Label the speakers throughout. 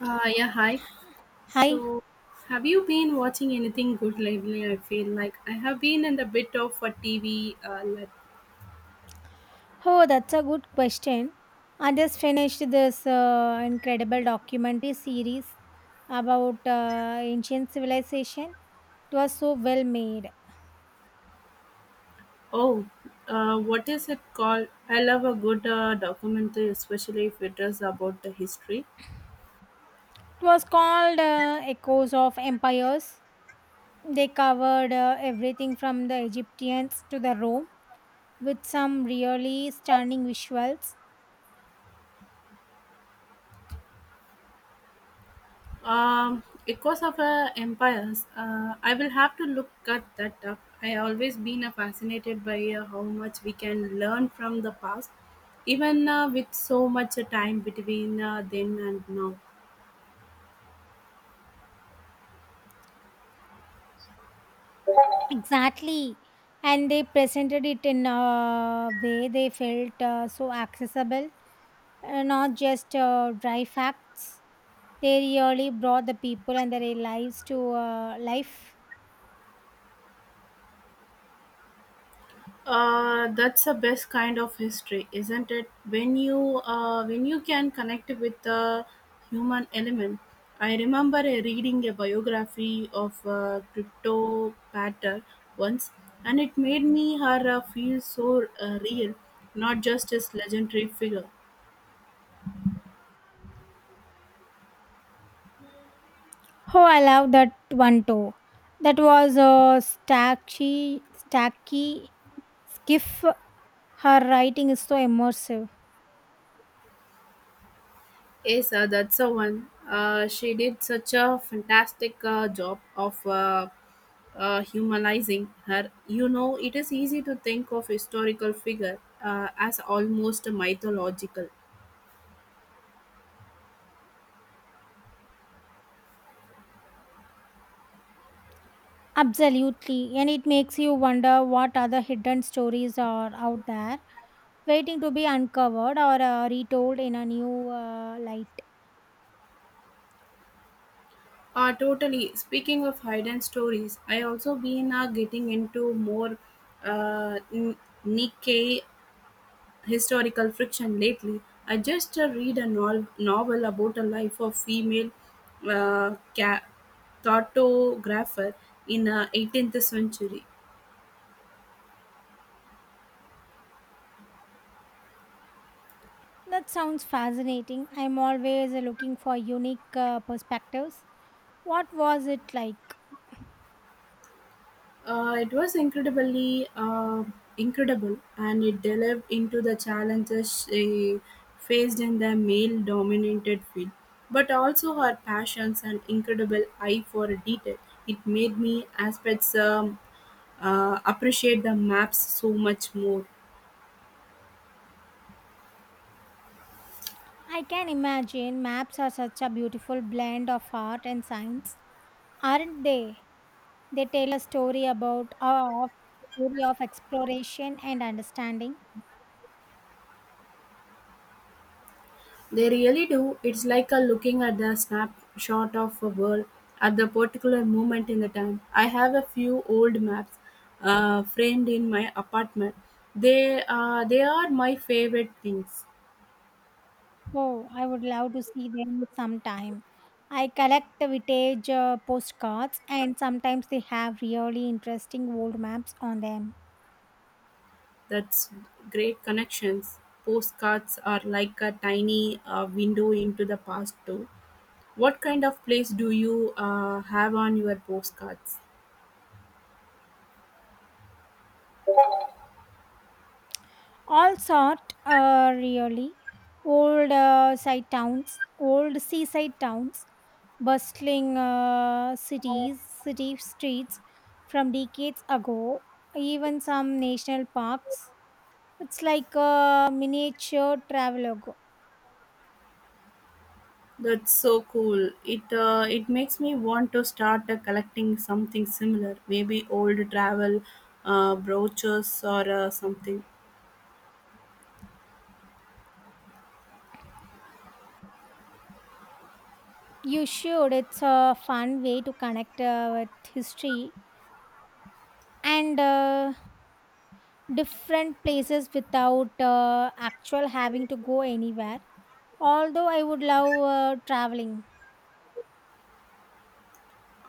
Speaker 1: Yeah, hi.
Speaker 2: Hi.
Speaker 1: So, have you been watching anything good lately? I feel like I have been in a bit of a TV.
Speaker 2: Oh, that's a good question. I just finished this incredible documentary series about ancient civilization. It was so well made.
Speaker 1: Oh, what is it called? I love a good documentary, especially if it is about the history.
Speaker 2: It was called Echoes of Empires. They covered everything from the Egyptians to the Rome with some really stunning visuals.
Speaker 1: Because of empires, I will have to look at that up. I always been fascinated by how much we can learn from the past, even with so much time between then and now.
Speaker 2: Exactly. And they presented it in a way they felt so accessible, not just dry facts. They really brought the people and their lives to life.
Speaker 1: That's the best kind of history, isn't it? When you can connect with the human element. I remember reading a biography of Crypto Patter once, and it made me her feel so real, not just as legendary figure.
Speaker 2: Oh, I love that one too. That was a stacky, stacky skiff. Her writing is so immersive.
Speaker 1: Yes, that's the one. She did such a fantastic job of humanizing her. It is easy to think of historical figure as almost mythological.
Speaker 2: Absolutely. And it makes you wonder what other hidden stories are out there waiting to be uncovered or retold in a new light.
Speaker 1: Totally. Speaking of hidden stories, I also been getting into more uh, N- Nikkei historical fiction lately. I just read a novel about a life of female uh, ca- cartographer in the 18th century.
Speaker 2: That sounds fascinating. I'm always looking for unique perspectives. What was it like?
Speaker 1: It was incredibly incredible, and it delved into the challenges she faced in the male-dominated field, but also her passions and incredible eye for detail. It made me aspects appreciate the maps so much more.
Speaker 2: I can imagine maps are such a beautiful blend of art and science, aren't they? They tell a story about a story of exploration and understanding.
Speaker 1: They really do. It's like a looking at the snapshot of a world at the particular moment in the time. I have a few old maps framed in my apartment. They are my favorite things.
Speaker 2: Oh, I would love to see them sometime. I collect vintage postcards, and sometimes they have really interesting old maps on them.
Speaker 1: That's great connections. Postcards are like a tiny window into the past too. What kind of place do you have on your postcards?
Speaker 2: All sort, really. Old side towns, old seaside towns, bustling cities, city streets from decades ago, even some national parks. It's like a miniature travelogue.
Speaker 1: That's so cool. It makes me want to start collecting something similar, maybe old travel brooches or something.
Speaker 2: You should. It's a fun way to connect with history and different places without actual having to go anywhere. Although I would love traveling.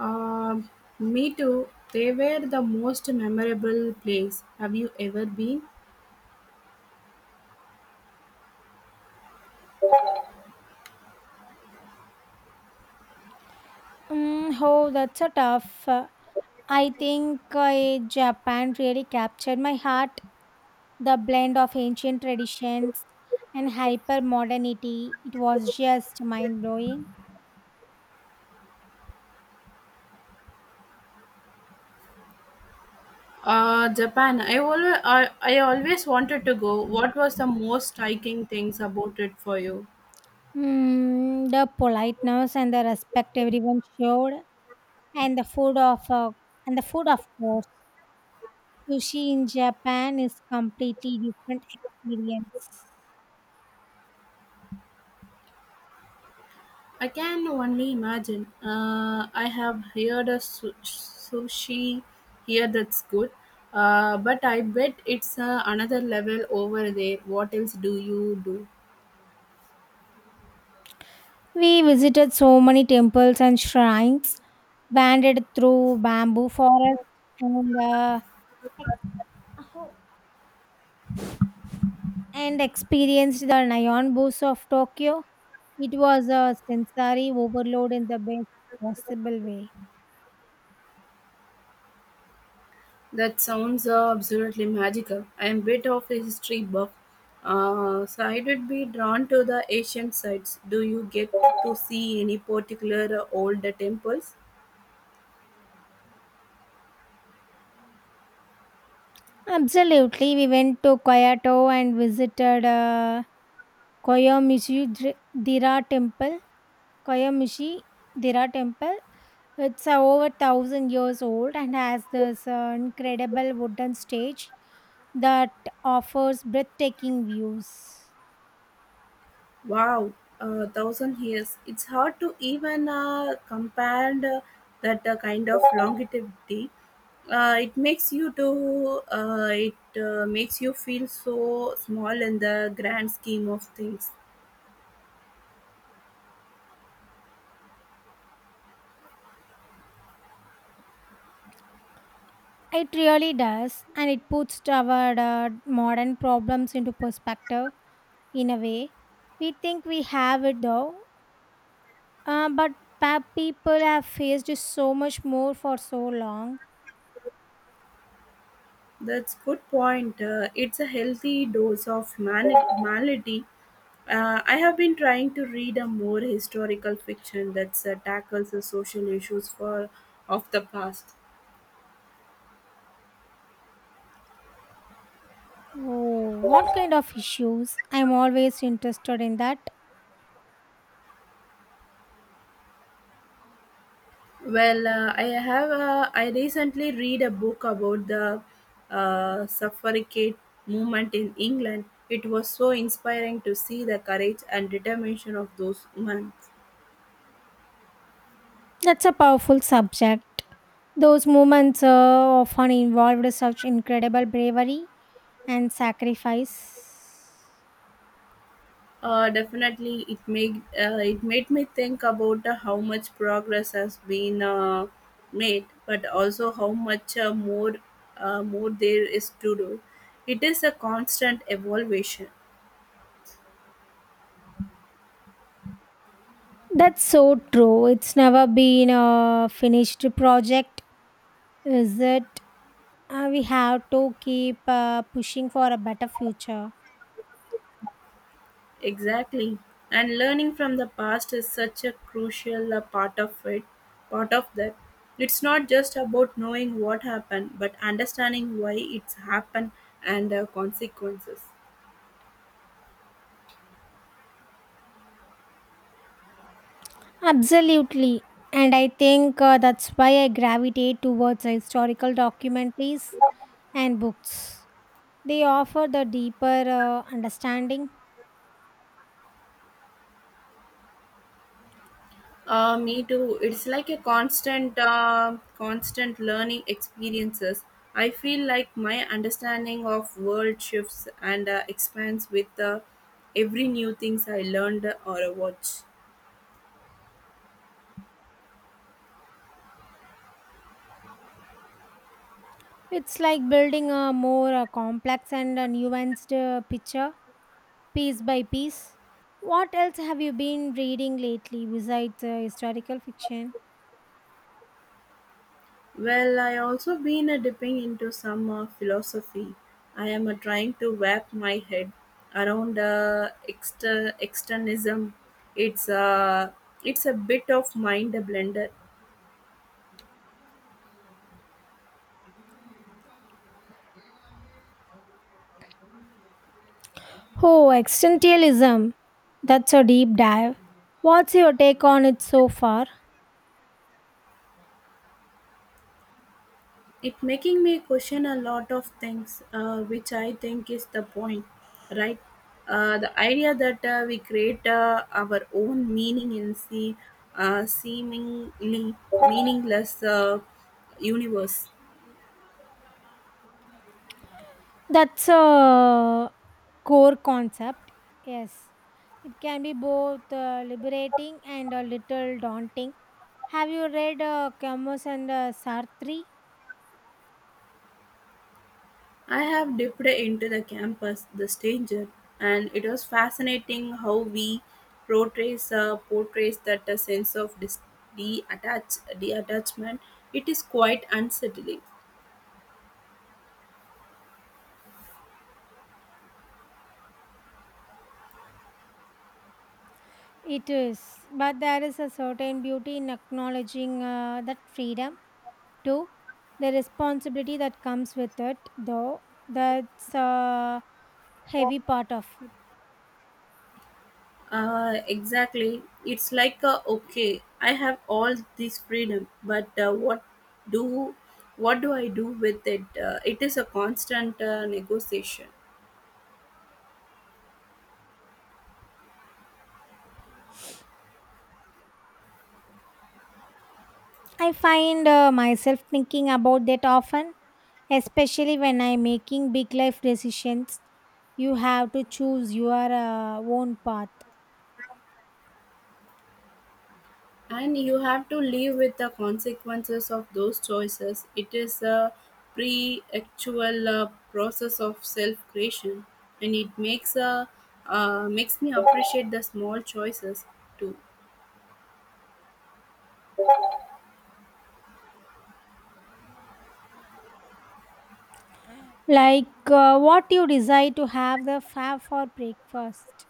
Speaker 1: Um Me too. They were the most memorable place. Have you ever been?
Speaker 2: Oh, that's a tough. I think Japan really captured my heart. The blend of ancient traditions and hyper modernity. It was just mind blowing.
Speaker 1: Japan. I always wanted to go. What was the most striking things about it for you?
Speaker 2: Mm, the politeness and the respect everyone showed and the food of course, sushi in Japan is completely different experience.
Speaker 1: I can only imagine. I have heard a sushi here that's good, but I bet it's another level over there. What else do you do?
Speaker 2: We visited so many temples and shrines, wandered through bamboo forest, and experienced the neon booths of Tokyo. It was a sensory overload in the best possible way.
Speaker 1: That sounds absolutely magical. I am a bit of a history buff, so I would be drawn to the ancient sites. Do you get to see any particular old temples?
Speaker 2: Absolutely. We went to Kyoto and visited koyomizudera temple Koyamishi Dira temple. It's over 1000 years old and has this incredible wooden stage that offers breathtaking views.
Speaker 1: Wow, 1,000 years. It's hard to even compare that kind of longevity. It makes you feel so small in the grand scheme of things.
Speaker 2: It really does, and it puts our modern problems into perspective in a way. We think we have it though, but people have faced so much more for so long.
Speaker 1: That's good point. It's a healthy dose of humanity. I have been trying to read a more historical fiction that tackles the social issues for of the past.
Speaker 2: Oh, what kind of issues? I'm always interested in that.
Speaker 1: Well, I have. I recently read a book about the suffragette movement in England. It was so inspiring to see the courage and determination of those women.
Speaker 2: That's a powerful subject. Those moments often involved such incredible bravery and sacrifice.
Speaker 1: Definitely, it made me think about how much progress has been made, but also how much more there is to do. It is a constant evolution.
Speaker 2: That's so true. It's never been a finished project, is it? We have to keep pushing for a better future.
Speaker 1: Exactly. And learning from the past is such a crucial part of that. It's not just about knowing what happened, but understanding why it's happened and consequences.
Speaker 2: Absolutely. And I think that's why I gravitate towards historical documentaries and books. They offer the deeper understanding.
Speaker 1: Me too. It's like a constant learning experiences. I feel like my understanding of world shifts and expands with every new things I learned or watch.
Speaker 2: It's like building a more complex and nuanced picture piece by piece. What else have you been reading lately besides historical fiction?
Speaker 1: Well, I also been a dipping into some philosophy. I am trying to wrap my head around externism. It's a it's a bit of mind blender.
Speaker 2: Oh, existentialism. That's a deep dive. What's your take on it so far?
Speaker 1: It making me question a lot of things, which I think is the point, right? The idea that we create our own meaning in seemingly meaningless universe.
Speaker 2: That's a core concept. Yes. It can be both liberating and a little daunting. Have you read Camus and Sartre?
Speaker 1: I have dipped into the campus, The Stranger, and it was fascinating how we portrays that a sense of detachment. It is quite unsettling.
Speaker 2: It is, but there is a certain beauty in acknowledging that freedom too. The responsibility that comes with it, though, that's a heavy part of it.
Speaker 1: Exactly. It's like okay, I have all this freedom, but do what do I do with it? It is a constant negotiation.
Speaker 2: I find myself thinking about that often, especially when I'm making big life decisions. You have to choose your own path,
Speaker 1: And you have to live with the consequences of those choices. It is a pre-actual process of self-creation, and it makes me appreciate the small choices too.
Speaker 2: like what you decide to have for breakfast.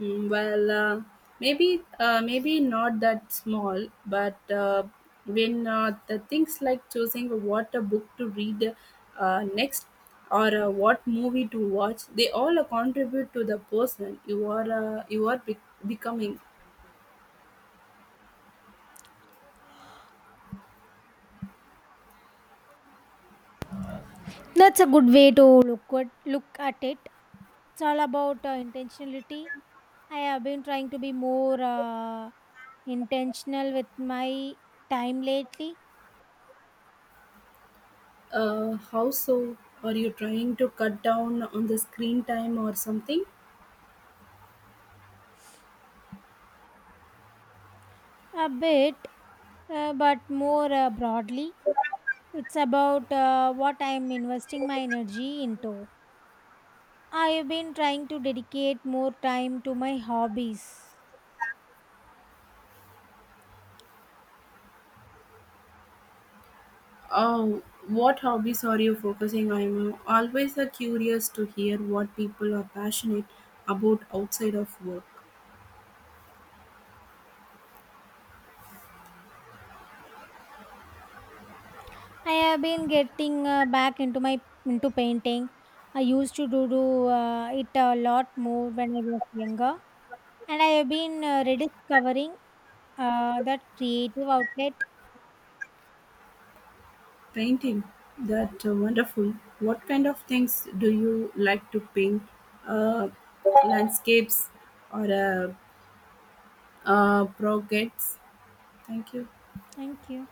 Speaker 1: Mm, well, maybe not that small, but when the things like choosing what a book to read next or what movie to watch, they all contribute to the person you are becoming.
Speaker 2: That's a good way to look at it. It's all about intentionality. I have been trying to be more intentional with my time lately,
Speaker 1: How so? Are you trying to cut down on the screen time or something?
Speaker 2: a bit, but more broadly. It's about what I'm investing my energy into. I have been trying to dedicate more time to my hobbies.
Speaker 1: Oh, what hobbies are you focusing on? I'm always curious to hear what people are passionate about outside of work.
Speaker 2: I have been getting back into my into painting. I used to do it a lot more when I was younger. And I have been rediscovering that creative outlet.
Speaker 1: Painting, that wonderful. What kind of things do you like to paint? Uh, Landscapes or projects? Thank you.
Speaker 2: Thank you.